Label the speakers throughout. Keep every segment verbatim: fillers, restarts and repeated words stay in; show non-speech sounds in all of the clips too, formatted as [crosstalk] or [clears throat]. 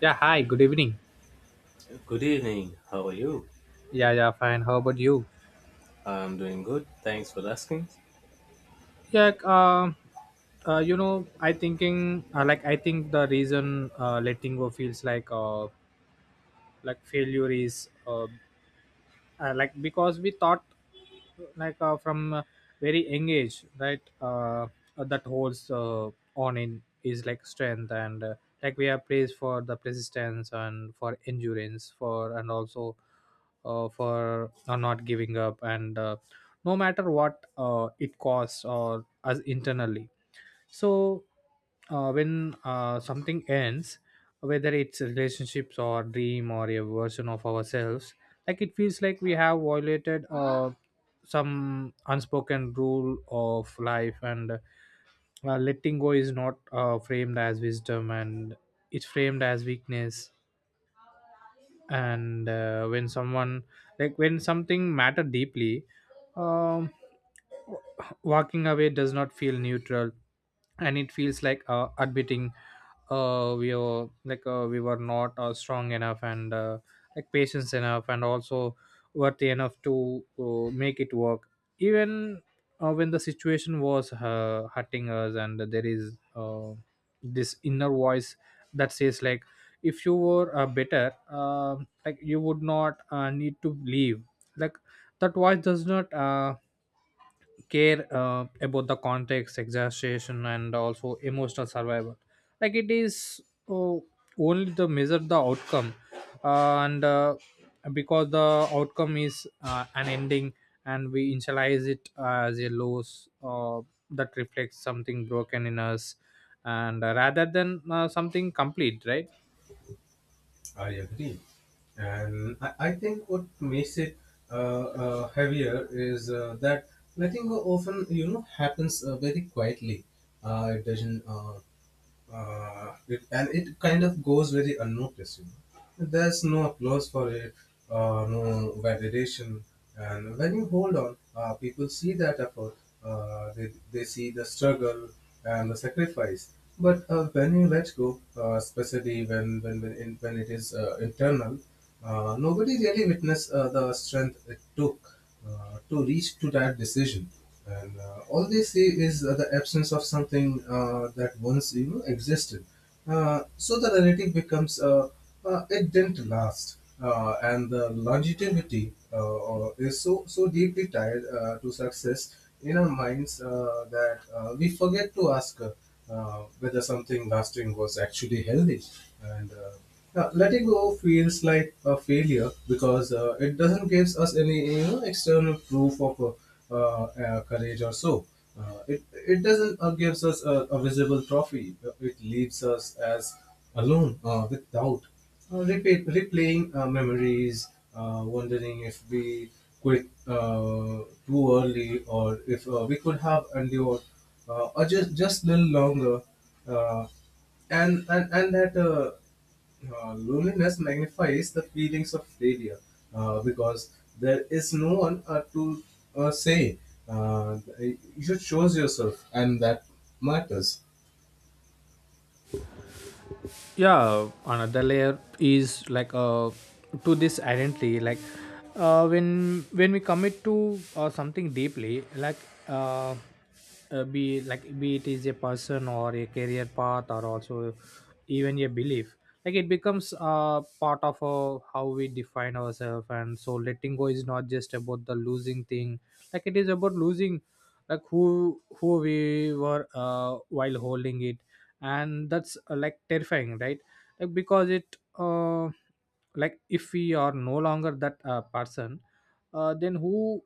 Speaker 1: Yeah, hi, good evening.
Speaker 2: Good evening. How are you?
Speaker 1: Yeah, yeah, fine. How about you?
Speaker 2: I'm doing good. Thanks for asking.
Speaker 1: Yeah, like, um, uh, you know, I thinking uh, like I think the reason uh, letting go feels like uh, like failure is uh, uh, like because we thought like uh, from uh, very young age, right? Uh, that holds uh, on in is like strength. And uh, like we are praised for the persistence and for endurance for, and also uh, for uh, not giving up, and uh, no matter what uh, it costs or us internally. So uh, when uh, something ends, whether it's relationships or dream or a version of ourselves, like it feels like we have violated uh, some unspoken rule of life. And uh, letting go is not uh, framed as wisdom, and it's framed as weakness. And uh, when someone, like when something matter deeply, um, w- walking away does not feel neutral. And it feels like uh, admitting uh, we are, like uh, we were not uh, strong enough, and uh, like patience enough, and also worthy enough to uh, make it work, even uh, when the situation was uh, hurting us. And there is uh, this inner voice that says like, if you were uh, better, um like you would not uh, need to leave. Like that voice does not uh, care uh, about the context exaggeration and also emotional survival, like it is uh, only to measure the outcome. Uh, and uh, because the outcome is uh, an ending, and we initialize it as a loss uh, that reflects something broken in us, and uh, rather than uh, something complete, right?
Speaker 2: I agree. And I, I think what makes it uh, uh, heavier is uh, that letting go often, you know, happens uh, very quietly. Uh, it doesn't uh, uh, it, and it kind of goes very unnoticed. You know? There's no applause for it, uh, no validation, and when you hold on, uh, people see that effort. Uh, they they see the struggle and the sacrifice. But uh, when you let go, uh, especially when when when, in, when it is uh, internal, uh, nobody really witness uh, the strength it took uh, to reach to that decision and uh, all they see is uh, the absence of something uh, that once you know existed. Uh, so the narrative becomes uh, uh, it didn't last, uh, and the longevity uh, or- is so so deeply tied uh, to success in our minds, uh, that uh, we forget to ask uh, uh, whether something lasting was actually healthy. And uh, uh, letting go feels like a failure because uh, it doesn't give us any, you know, external proof of uh, uh, uh, courage or so. Uh, it, it doesn't uh, gives us a, a visible trophy. Uh, It leaves us as alone uh, with doubt, uh, replay, replaying uh, memories, uh, wondering if we quit uh, too early, or if uh, we could have endured uh, or just just a little longer. Uh, and and and that. Uh, uh, loneliness magnifies the feelings of failure uh, because there is no one uh, to uh, say. Uh, you should choose yourself, and that matters.
Speaker 1: Yeah, another layer is like uh to this identity, like uh when when we commit to uh, something deeply. Like uh, uh be like be it is a person or a career path, or also even a belief, like it becomes uh part of uh, how we define ourselves. And so letting go is not just about the losing thing, like it is about losing, like who who we were uh while holding it. And that's uh, like terrifying, right? Like because it uh, like if we are no longer that uh, person, uh, then who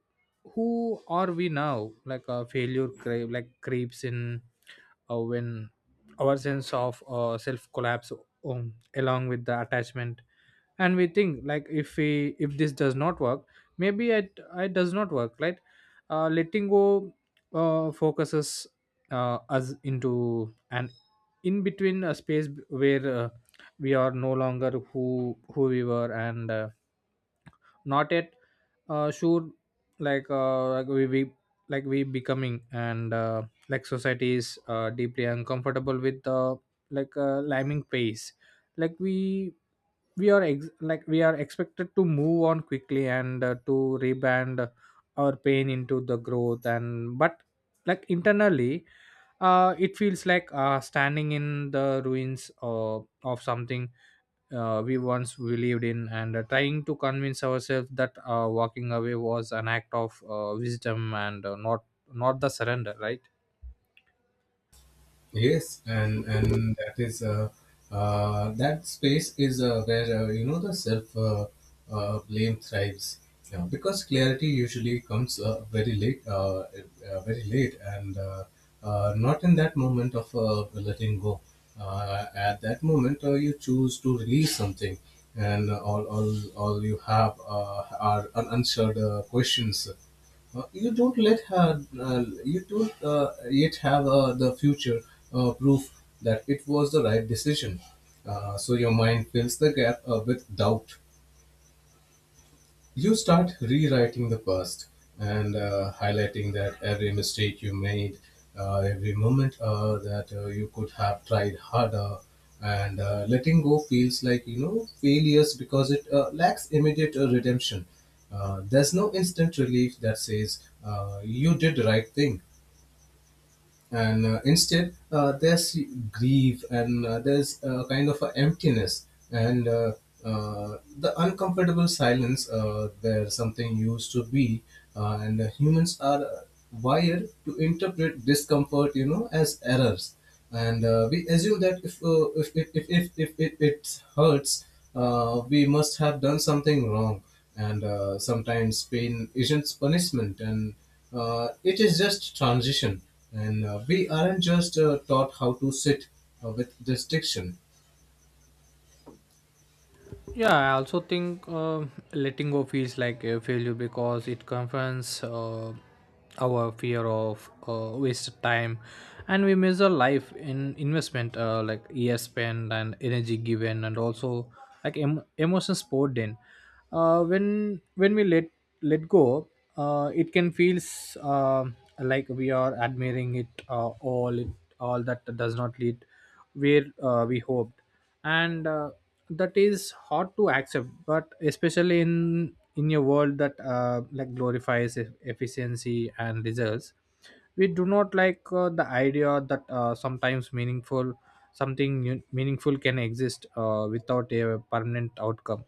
Speaker 1: who are we now? Like a failure cre- like creeps in uh, when our sense of uh, self collapse, um, along with the attachment. And we think, like, if we, if this does not work, maybe it, it does not work, right? Uh, letting go uh, focuses uh, us into an in between a space b- where uh, we are no longer who who we were, and uh, not yet uh, sure. Like uh, like we, we like we becoming. And uh, like society is uh, deeply uncomfortable with uh, like uh, liming pace. Like we we are ex- like we are expected to move on quickly and uh, to reband our pain into the growth. And but like internally, uh, it feels like uh, standing in the ruins uh, of something uh, we once believed in, and uh, trying to convince ourselves that uh, walking away was an act of uh, wisdom and uh, not not the surrender, right?
Speaker 2: Yes, and and that is uh, uh, that space is uh, where, uh, you know, the self uh, uh, blame thrives, yeah, because clarity usually comes uh, very late, uh, uh, very late, and uh, uh, not in that moment of uh, letting go. Uh, at that moment, uh, you choose to release something, and all all all you have uh, are un- unanswered uh, questions. Uh, you don't let her. Uh, you don't uh, yet have uh, the future uh, proof that it was the right decision. Uh, so your mind fills the gap uh, with doubt. You start rewriting the past and uh, highlighting that every mistake you made, uh, every moment uh, that uh, you could have tried harder, and uh, letting go feels like, you know, failures because it uh, lacks immediate uh, redemption. Uh, there's no instant relief that says uh, you did the right thing, and uh, instead uh, there's grief, and uh, there's a kind of a emptiness, and uh, uh, the uncomfortable silence uh, where something used to be, uh, and uh, humans are wired to interpret discomfort, you know, as errors, and uh, we assume that if uh, if, if, if, if, if it, it hurts, uh, we must have done something wrong. And uh, sometimes pain isn't punishment, and uh, it is just transition. And uh, we aren't just uh, taught how to sit uh, with this diction.
Speaker 1: Yeah, I also think uh, letting go feels like a failure because it confronts uh, our fear of uh, wasted time, and we measure life in investment, uh, like years spent and energy given, and also like em- emotions poured in. Uh, when when we let let go, uh, it can feels uh, like we are admiring it uh, all it all that does not lead where uh, we hoped. And uh, that is hard to accept, but especially in in a world that uh, like glorifies e- efficiency and results. We do not like uh, the idea that uh, sometimes meaningful something nu- meaningful can exist uh, without a permanent outcome.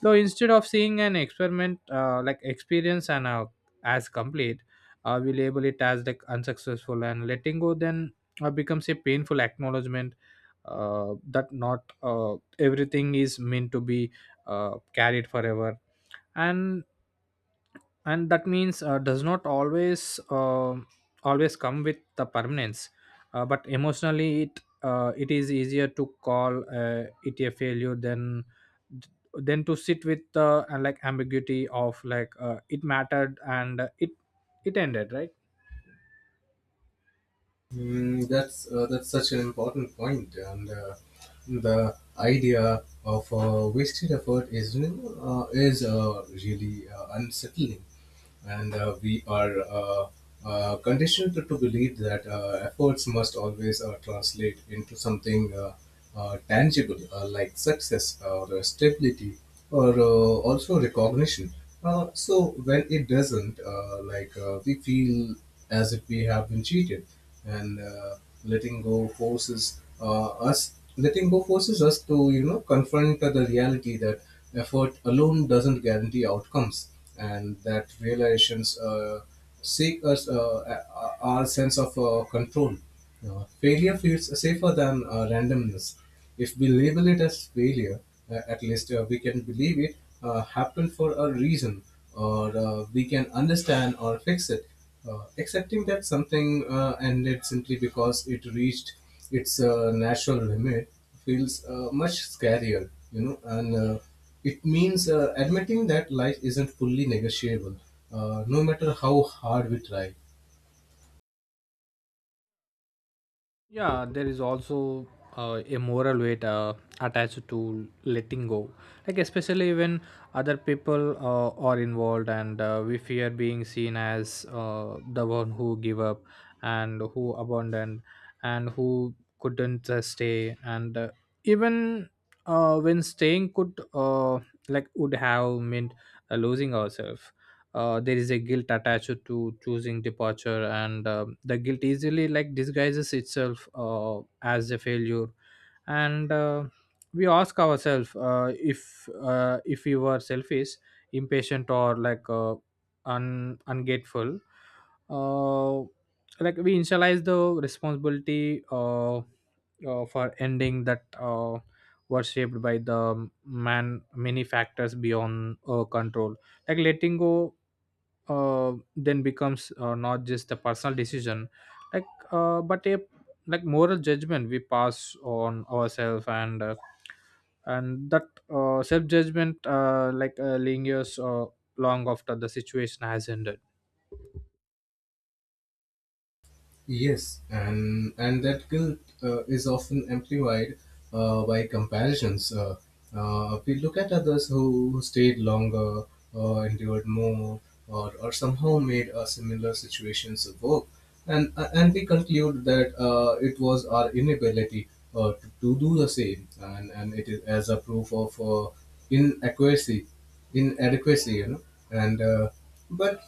Speaker 1: So instead of seeing an experiment uh, like experience, and uh, as complete, uh, we label it as like unsuccessful. And letting go then uh, becomes a painful acknowledgement uh, that not uh, everything is meant to be uh, carried forever. And and that means uh, does not always uh, always come with the permanence. Uh, but emotionally it uh, it is easier to call uh, it a failure than than to sit with the uh, like ambiguity of like uh, it mattered and it it ended, right?
Speaker 2: Mm, that's uh, that's such an important point, and uh, the idea of uh, wasted effort is uh, is uh, really uh, unsettling, and uh, we are uh, uh, conditioned to, to believe that uh, efforts must always uh, translate into something, uh, uh, tangible, uh, like success or uh, stability, or uh, also recognition. Uh, so when it doesn't, uh, like uh, we feel as if we have been cheated, and uh, letting go forces uh, us letting go forces us to, you know, confront the reality that effort alone doesn't guarantee outcomes, and that realizations uh, seek us, uh, uh, our sense of uh, control. Uh, failure feels safer than uh, randomness. If we label it as failure, uh, at least uh, we can believe it uh, happened for a reason, or uh, we can understand or fix it. Uh, accepting that something uh, ended simply because it reached its uh, natural limit feels uh, much scarier, you know, and uh, it means uh, admitting that life isn't fully negotiable, uh, no matter how hard we try.
Speaker 1: Yeah, there is also uh, a moral weight uh, attached to letting go, like especially when other people uh, are involved, and uh, we fear being seen as uh, the one who give up, and who abandoned, and who couldn't uh, stay. And uh, even uh, when staying could uh, like would have meant uh, losing ourselves. Uh, there is a guilt attached to choosing departure, and um the guilt easily like disguises itself uh, as a failure. And uh, we ask ourselves uh, if uh, if we were selfish, impatient, or like uh, un- ungrateful. uh, like we initialize the responsibility uh, uh, for ending that uh, were shaped by the man many factors beyond uh, control. Like letting go uh, then becomes uh, not just a personal decision, like uh, but a like moral judgment we pass on ourselves. And uh, and that uh, self judgment uh, like uh, lingers uh, long after the situation has ended.
Speaker 2: Yes, and and that guilt uh, is often amplified uh, by comparisons. Uh, uh, we look at others who, who stayed longer, uh, endured more, or, or somehow made uh, similar situations work, and uh, and we conclude that uh, it was our inability uh, to, to do the same, and and it is as a proof of uh, inadequacy, inadequacy, you know, and uh, but.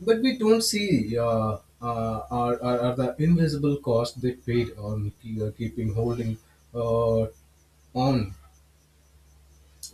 Speaker 2: But we don't see uh, uh, are, are, are the invisible cost they paid on ke- uh, keeping holding uh, on.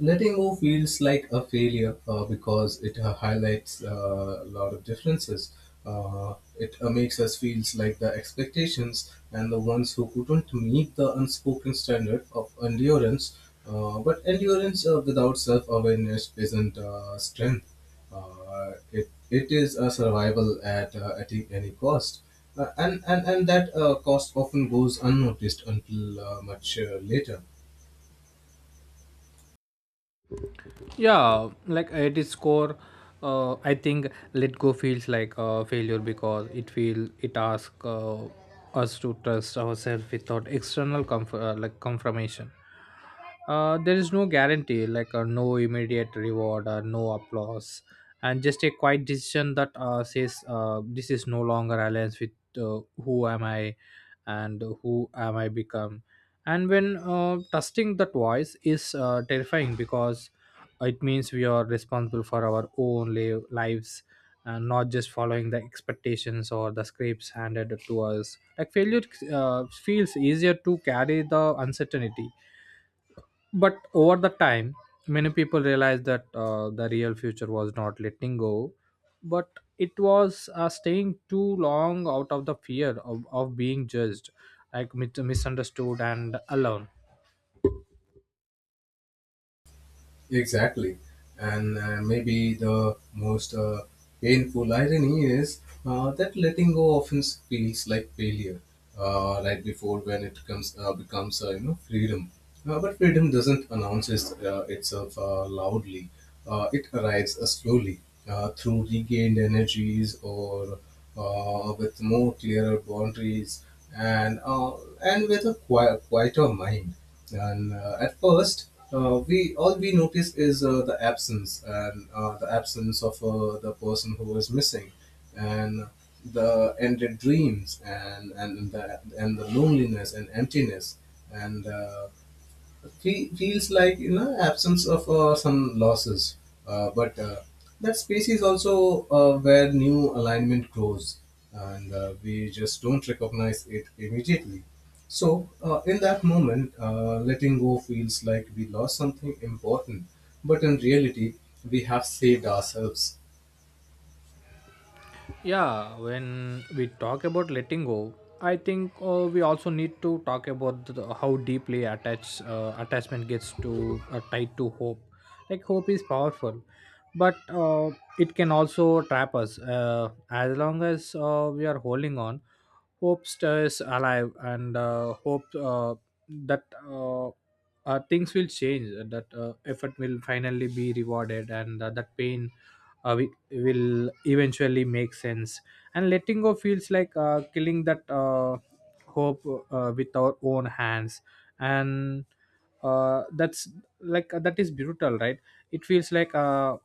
Speaker 2: Letting go feels like a failure uh, because it uh, highlights uh, a lot of differences. Uh, it uh, makes us feel like the expectations and the ones who couldn't meet the unspoken standard of endurance. Uh, but endurance uh, without self awareness isn't uh, strength, uh, it, it is a survival at, uh, at e-, any cost. Uh, and, and, and that uh, cost often goes unnoticed until uh, much uh, later.
Speaker 1: Yeah, like at its core, uh, I think let go feels like a failure because it feel it asks uh, us to trust ourselves without external comfort, uh, like confirmation. Uh, there is no guarantee, like uh, no immediate reward or no applause, and just a quiet decision that uh, says uh, this is no longer aligned with uh, who am I and who am I become. And when uh, trusting that voice is uh, terrifying because it means we are responsible for our own live, lives, and not just following the expectations or the scripts handed to us. Like failure uh, feels easier to carry the uncertainty, but over the time many people realized that uh, the real future was not letting go, but it was uh, staying too long out of the fear of, of being judged, like mis- misunderstood and alone.
Speaker 2: Exactly. And uh, maybe the most uh, painful irony is uh, that letting go often feels like failure uh, right before when it comes uh, becomes uh, you know, freedom. Uh, but freedom doesn't announce its, uh, itself uh, loudly. Uh, it arrives uh, slowly, uh, through regained energies, or uh, with more clearer boundaries, and uh, and with a qui- quieter mind. And uh, at first, uh, we all we notice is uh, the absence, and uh, the absence of uh, the person who is missing, and the ended dreams, and and the and the loneliness and emptiness, and. Uh, fe- feels like, you know, absence of uh, some losses, uh, but uh, that space is also uh, where new alignment grows, and uh, we just don't recognize it immediately. So uh, in that moment uh, letting go feels like we lost something important, but in reality we have saved ourselves.
Speaker 1: Yeah, when we talk about letting go, I think uh, we also need to talk about the, how deeply attached uh, attachment gets to uh, tied to hope. Like hope is powerful, but uh, it can also trap us. Uh, as long as uh, we are holding on, hope stays alive. And uh, hope uh, that uh, uh, things will change, uh, that uh, effort will finally be rewarded, and uh, that pain uh, wi- will eventually make sense. And letting go feels like uh, killing that uh, hope uh, with our own hands. And uh, that's like uh, that is brutal, right? It feels like uh,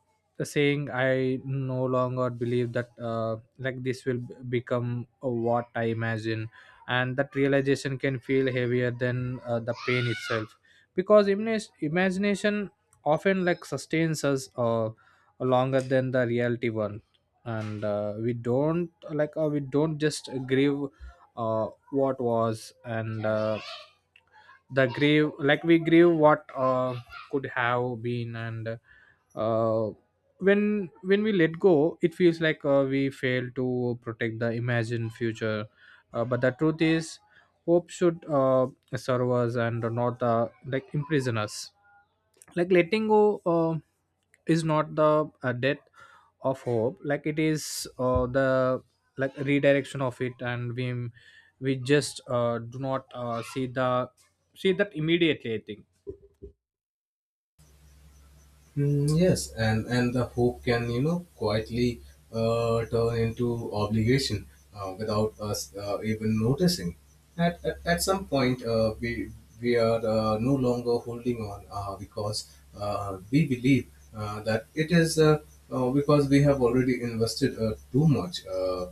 Speaker 1: saying I no longer believe that uh, like this will b- become uh, what I imagine. And that realization can feel heavier than uh, the pain itself, because imagine imagination often like sustains us uh, longer than the reality one. And uh, we don't, like uh, we don't just grieve uh, what was. And uh, the grieve, like we grieve what uh, could have been. And uh, when when we let go, it feels like uh, we fail to protect the imagined future. Uh, but the truth is hope should uh, serve us and not uh, like imprison us. Like letting go uh, is not the uh, death of hope, like it is uh, the like redirection of it. And we we just uh, do not uh, see the see that immediately, I think.
Speaker 2: Mm, yes, and and the hope can, you know, quietly uh, turn into obligation uh, without us uh, even noticing. At, at at some point, uh, we we are uh, no longer holding on uh, because uh, we believe uh, that it is uh, uh, because we have already invested uh, too much uh,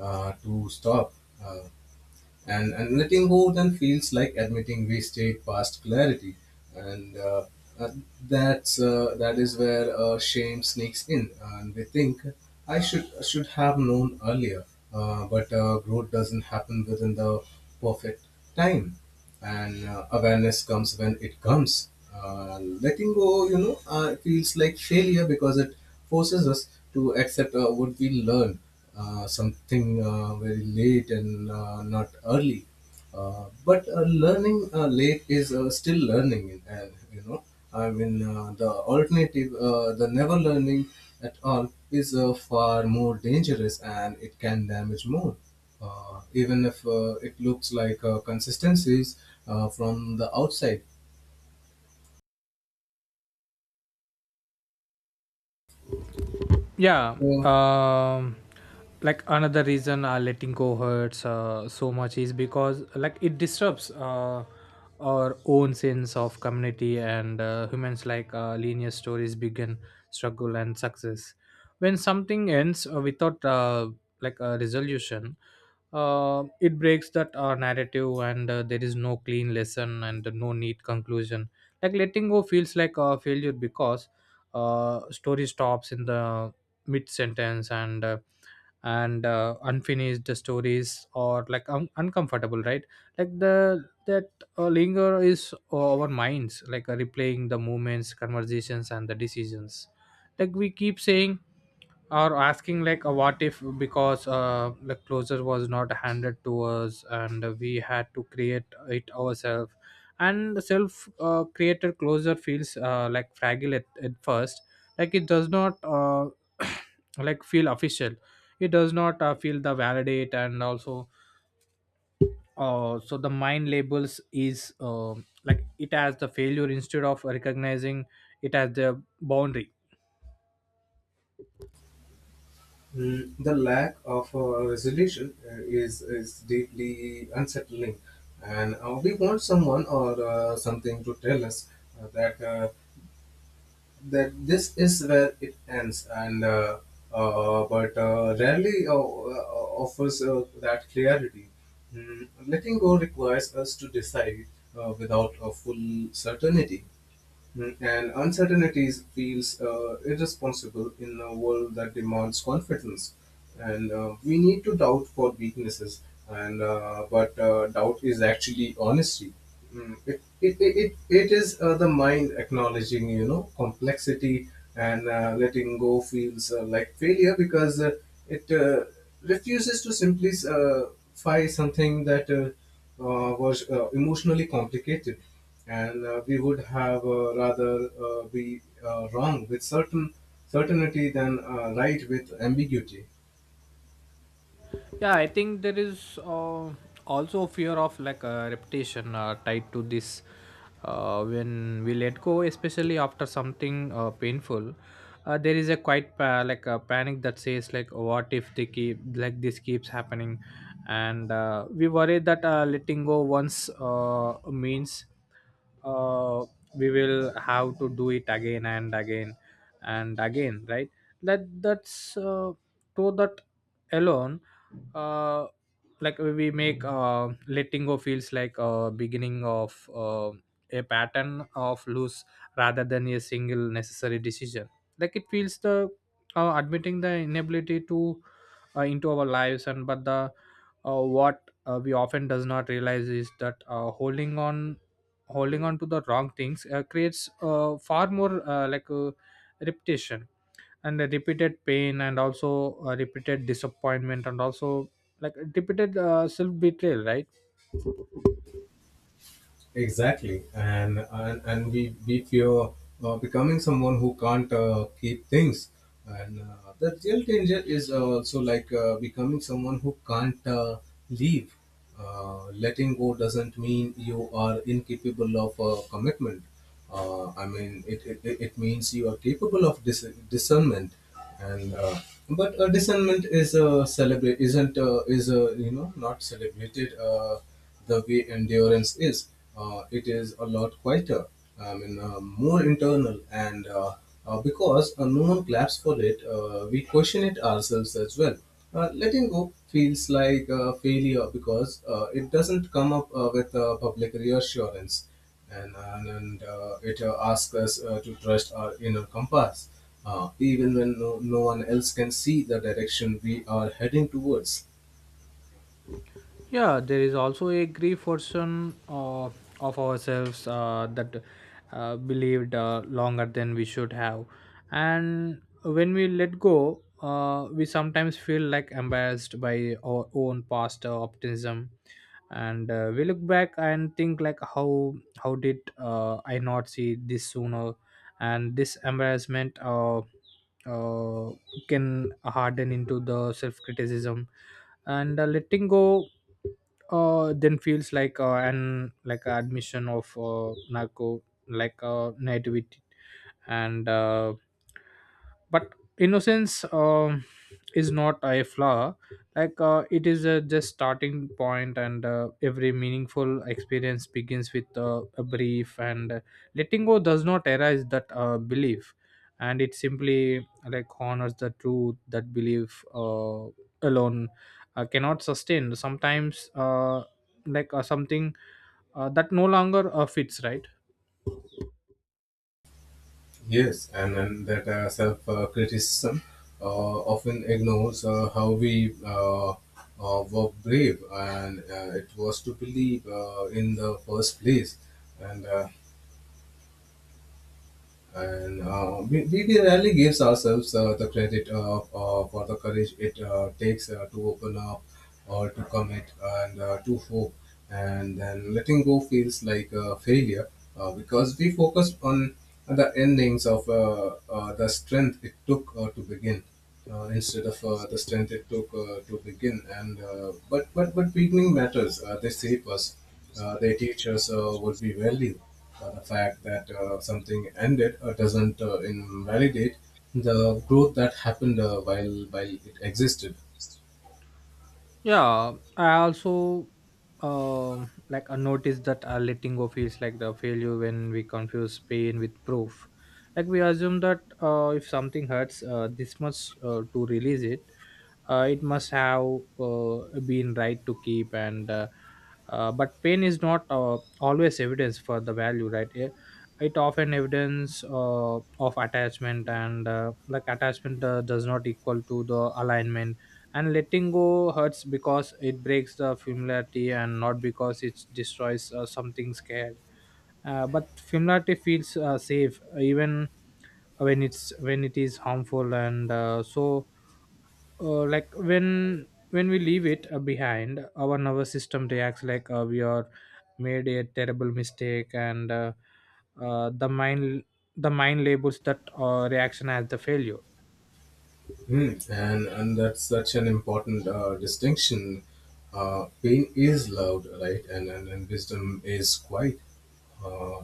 Speaker 2: uh, to stop. Uh, and, and letting go then feels like admitting we stayed past clarity. And uh, uh, that's, uh, that is where uh, shame sneaks in. And we think, I should, should have known earlier. Uh, but uh, growth doesn't happen within the perfect time, and uh, awareness comes when it comes. Uh, letting go, you know, uh, feels like failure because it forces us to accept uh, what we learn, uh, something uh, very late and uh, not early. Uh, but uh, learning uh, late is uh, still learning, and you know, I mean, uh, the alternative, uh, the never learning at all, is uh, far more dangerous, and it can damage more uh, even if uh, it looks like uh, consistencies uh, from the outside.
Speaker 1: Yeah.
Speaker 2: So,
Speaker 1: um like another reason uh, letting go hurts uh, so much is because like it disrupts uh, our own sense of community. And uh, humans like uh, linear stories begin struggle and success. When something ends uh, without uh, like a resolution, uh, it breaks that uh, narrative. And uh, there is no clean lesson and no neat conclusion. Like letting go feels like a failure because uh, story stops in the mid sentence. And uh, and uh, unfinished stories or like un- uncomfortable, right? Like the that uh, linger is uh, our minds like uh, replaying the moments conversations and the decisions. Like we keep saying or asking like a what if, because uh the closure was not handed to us and we had to create it ourselves. And self uh, created closure feels uh, like fragile at, at first. Like it does not uh, [coughs] [clears throat] like feel official. It does not uh, feel the validate, and also uh, so the mind labels is um like it as the failure instead of recognizing it as the boundary.
Speaker 2: mm, the lack of uh, resolution uh, is, is deeply unsettling, and uh, we want someone or uh, something to tell us uh, that uh, that this is where it ends, and uh, uh, but uh, rarely uh, uh, offers uh, that clarity. Mm, letting go requires us to decide uh, without a full certainty. Mm. And uncertainties feels uh, irresponsible in a world that demands confidence. And uh, we need to doubt for weaknesses. And uh, but uh, doubt is actually honesty. Mm. It, it, it, it it is uh, the mind acknowledging, you know, complexity, and uh, letting go feels uh, like failure because uh, it uh, refuses to simply simplify something that uh, uh, was uh, emotionally complicated, and uh, we would have uh, rather uh, be uh, wrong with certain certainty than uh, right with ambiguity.
Speaker 1: Yeah, I think there is uh, also fear of like a reputation uh, tied to this. Uh, when we let go, especially after something uh, painful, uh, there is a quite pa- like a panic that says like, what if they keep, like this keeps happening? And uh, we Worry that uh, letting go once uh, means uh, we will have to do it again and again and again, right? that that's uh, to that alone uh, like we make uh, letting go feels like a beginning of uh, a pattern of loose rather than a single necessary decision. Like it feels the uh, admitting the inability to uh, into our lives. And but the uh, what uh, we often does not realize is that uh, holding on, holding on to the wrong things uh, creates uh, far more uh, like a repetition, and the repeated pain, and also uh, repeated disappointment, and also like a repeated uh, self betrayal, right?
Speaker 2: Exactly, and and, and we we fear uh, becoming someone who can't uh, keep things, and uh, the real danger is also like uh, becoming someone who can't uh, leave. Uh, letting go doesn't mean you are incapable of uh, commitment. Uh, I mean, it, it, it it means you are capable of dis- discernment, and uh, but uh, discernment is uh, celebrate isn't uh, is uh, you know, not celebrated uh, the way endurance is. Uh, it is a lot quieter. I mean, uh, more internal, and uh, uh, because uh, no one claps for it, uh, we question it ourselves as well. Uh, letting go feels like a failure because uh, it doesn't come up uh, with uh, public reassurance, and and, and uh, it uh, asks us uh, to trust our inner compass uh, even when no, no one else can see the direction we are heading towards.
Speaker 1: Yeah, there is also a grief version of, of ourselves uh, that uh, believed uh, longer than we should have. And when we let go, uh, we sometimes feel like embarrassed by our own past uh, optimism. And uh, we look back and think like, how how did uh, i not see this sooner? And this embarrassment uh, uh, can harden into the self criticism. And uh, letting go uh, then feels like uh, an like a admission of uh, narco, like uh, nativity. And uh, but innocence, um is not a flaw. Like uh, it is a just starting point. And uh, every meaningful experience begins with uh, a brief. And uh, letting go does not erase that uh, belief, and it simply like honors the truth that belief uh, alone uh, cannot sustain sometimes uh, like uh, something uh, that no longer uh, fits, right?
Speaker 2: Yes, and, and that uh, self uh, criticism uh, often ignores uh, how we uh, uh, were brave, and uh, it was to believe uh, in the first place, and uh, and uh, we, we rarely gives ourselves uh, the credit uh, uh, for the courage it uh, takes uh, to open up, or to commit, and uh, to hope. And then letting go feels like a failure uh, because we focus on the endings of, uh, uh, the strength it took uh, to begin uh, instead of uh, the strength it took uh, to begin, and uh, but but but beginning matters. Uh, they shape us, uh, their teachers uh, would be valued. Uh, the fact that uh, something ended uh, doesn't uh, invalidate the growth that happened uh, while while it existed.
Speaker 1: Yeah, I also um like a notice that uh, letting go feels like the failure when we confuse pain with proof. Like we assume that uh, if something hurts uh, this much uh, to release it, uh, it must have uh, been right to keep. And uh, uh, but pain is not uh, always evidence for the value, right? it, it often evidence uh, of attachment. And uh, like attachment uh, does not equal to the alignment. And letting go hurts because it breaks the familiarity, and not because it destroys uh, something scared. Uh, but familiarity feels uh, safe, even when it's when it is harmful. And uh, so uh, Like when when we leave it uh, behind, our nervous system reacts like uh, we are made a terrible mistake. And uh, uh, The mind, the mind labels that uh, reaction as the failure.
Speaker 2: Hmm. And and that's such an important uh, distinction. Uh, pain is loud, right, and, and and wisdom is quiet. Uh,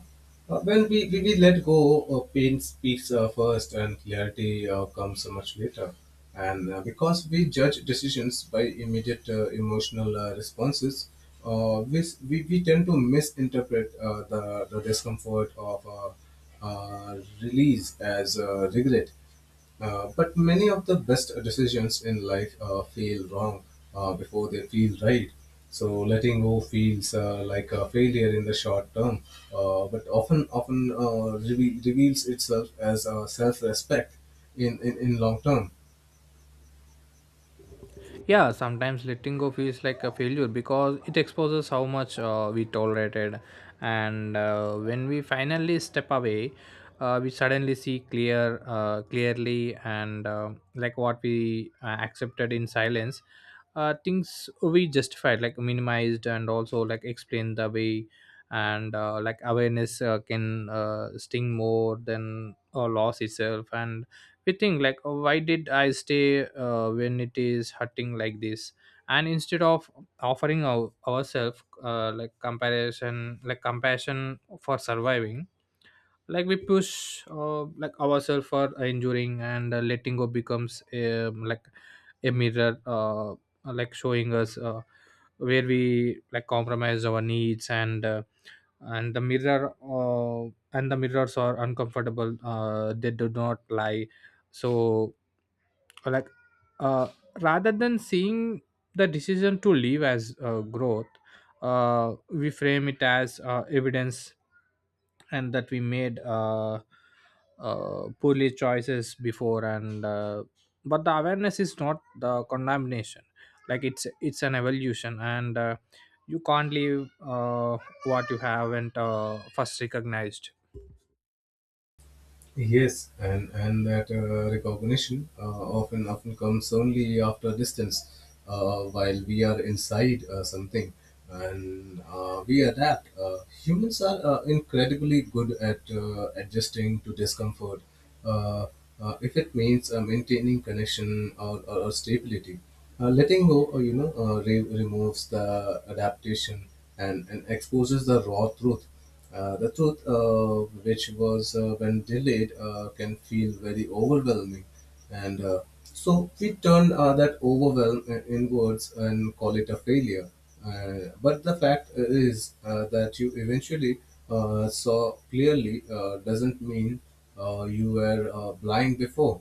Speaker 2: uh, well, we, we, we let go, uh, pain speaks uh, first, and clarity uh, comes much later. And uh, because we judge decisions by immediate uh, emotional uh, responses, uh, we, s- we, we tend to misinterpret uh, the, the discomfort of uh, uh, release as uh, regret. Uh, but many of the best decisions in life uh, feel wrong uh, before they feel right. So letting go feels uh, like a failure in the short term, uh, but often often uh, reve- reveals itself as uh, self-respect in, in, in long term.
Speaker 1: Yeah, sometimes letting go feels like a failure because it exposes how much uh, we tolerated. And uh, when we finally step away, uh, we suddenly see clear uh, clearly. And uh, like what we uh, accepted in silence, uh, things we justified, like minimized, and also like explained the way. And uh, like awareness uh, can uh, sting more than a loss itself. And we think like, oh, why did I stay uh, when it is hurting like this? And instead of offering our, ourselves uh, like comparison, like compassion, for surviving, like we push uh, like ourselves for enduring. And uh, letting go becomes um, like a mirror, uh, like showing us uh, where we like compromise our needs. and uh, and the mirror uh, and the mirrors are uncomfortable, uh, they do not lie. So, or like, uh, rather than seeing the decision to leave as uh, growth, uh, we frame it as uh, evidence, and that we made uh, uh, poorly choices before. And uh, but the awareness is not the condemnation. Like it's it's an evolution. And uh, you can't leave uh, what you haven't uh, first recognized.
Speaker 2: Yes, and and that uh, recognition uh, often often comes only after distance, uh, while we are inside uh, something, and uh, we adapt. Uh, humans are uh, incredibly good at uh, adjusting to discomfort, uh, uh, if it means uh, maintaining connection, or, or, or stability. Uh, letting go, uh, you know, uh, re- removes the adaptation and, and exposes the raw truth. Uh, the truth, uh, which was uh, when delayed, uh, can feel very overwhelming. And uh, so we turn uh, that overwhelm uh, inwards and call it a failure. Uh, but the fact uh, is uh, that you eventually uh, saw clearly uh, doesn't mean uh, you were uh, blind before.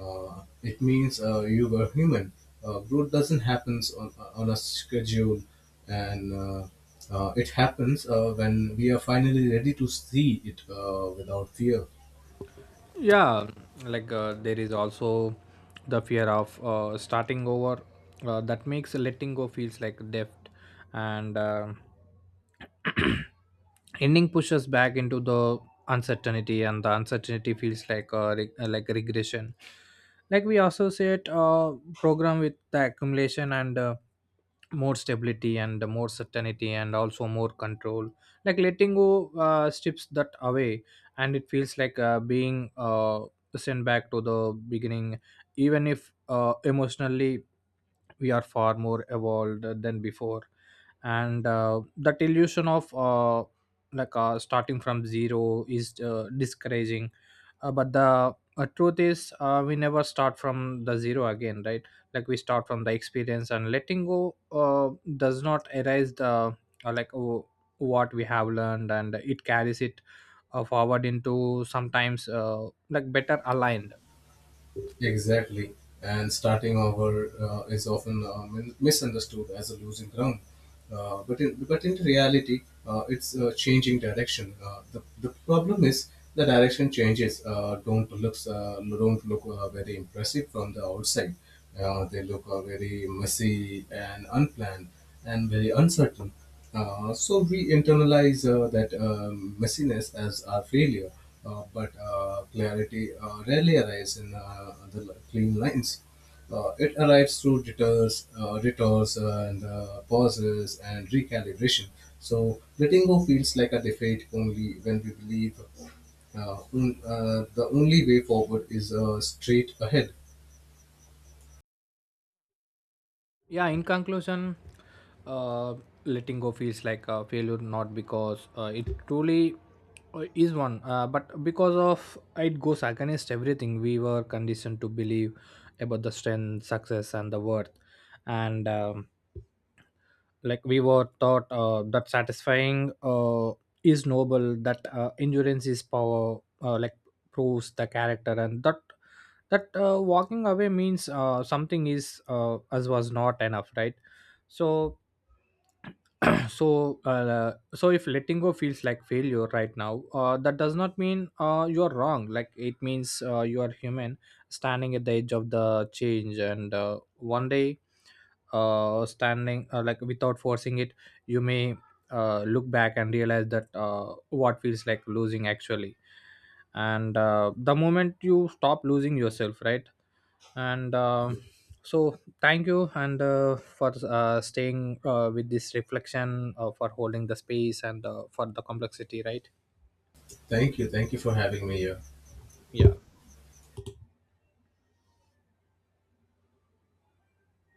Speaker 2: Uh, it means uh, you were human. Uh, growth doesn't happen on, on a schedule, and uh, uh, it happens uh, when we are finally ready to see it uh, without fear.
Speaker 1: Yeah, like uh, there is also the fear of uh, starting over uh, that makes letting go feels like death. And uh, [clears throat] ending pushes back into the uncertainty, and the uncertainty feels like uh, re- uh, like regression. Like we associate uh, program with the accumulation, and uh, more stability, and more certainty, and also more control. Like letting go uh, strips that away. And it feels like uh, being uh, sent back to the beginning, even if uh, emotionally we are far more evolved than before. And uh, that illusion of uh, like uh, starting from zero is uh, discouraging. Uh, but the uh, truth is, uh, we never start from the zero again, right? Like we start from the experience. And letting go uh, does not erase the uh, like oh, what we have learned, and it carries it uh, forward into sometimes uh, like better aligned.
Speaker 2: Exactly. And starting over uh, is often uh, min- misunderstood as a losing ground. Uh, but, in, but in reality, uh, it's uh, changing direction. Uh, the, the problem is the direction changes uh, don't, looks, uh, don't look uh, very impressive from the outside. Uh, they look uh, very messy and unplanned, and very uncertain. Uh, so we internalize uh, that um, messiness as our failure, uh, but uh, clarity uh, rarely arrives in uh, the li- clean lines. Uh, it arrives through detours, uh, detours uh, and uh, pauses and recalibration. So letting go feels like a defeat only when we believe uh, un- uh, the only way forward is uh, straight ahead.
Speaker 1: Yeah, in conclusion, uh, letting go feels like a failure not because uh, it truly uh, is one, uh, but because of it goes against everything we were conditioned to believe about the strength, success, and the worth. And um, Like we were taught uh, that satisfying uh, is noble, that uh, endurance is power, uh, like proves the character, and that that uh, walking away means uh, something is uh, as was not enough, right? So, [clears throat] so uh, so if letting go feels like failure right now, uh, that does not mean uh, you are wrong, like it means uh, you are human, standing at the edge of the change. And uh, one day, uh, standing uh, like without forcing it, you may uh, look back and realize that uh, what feels like losing actually, and uh, the moment you stop losing yourself, right? and um So thank you. And uh, for uh, staying uh, with this reflection, uh, for holding the space, and uh, for the complexity, right?
Speaker 2: Thank you. Thank you for having me here.
Speaker 1: Yeah.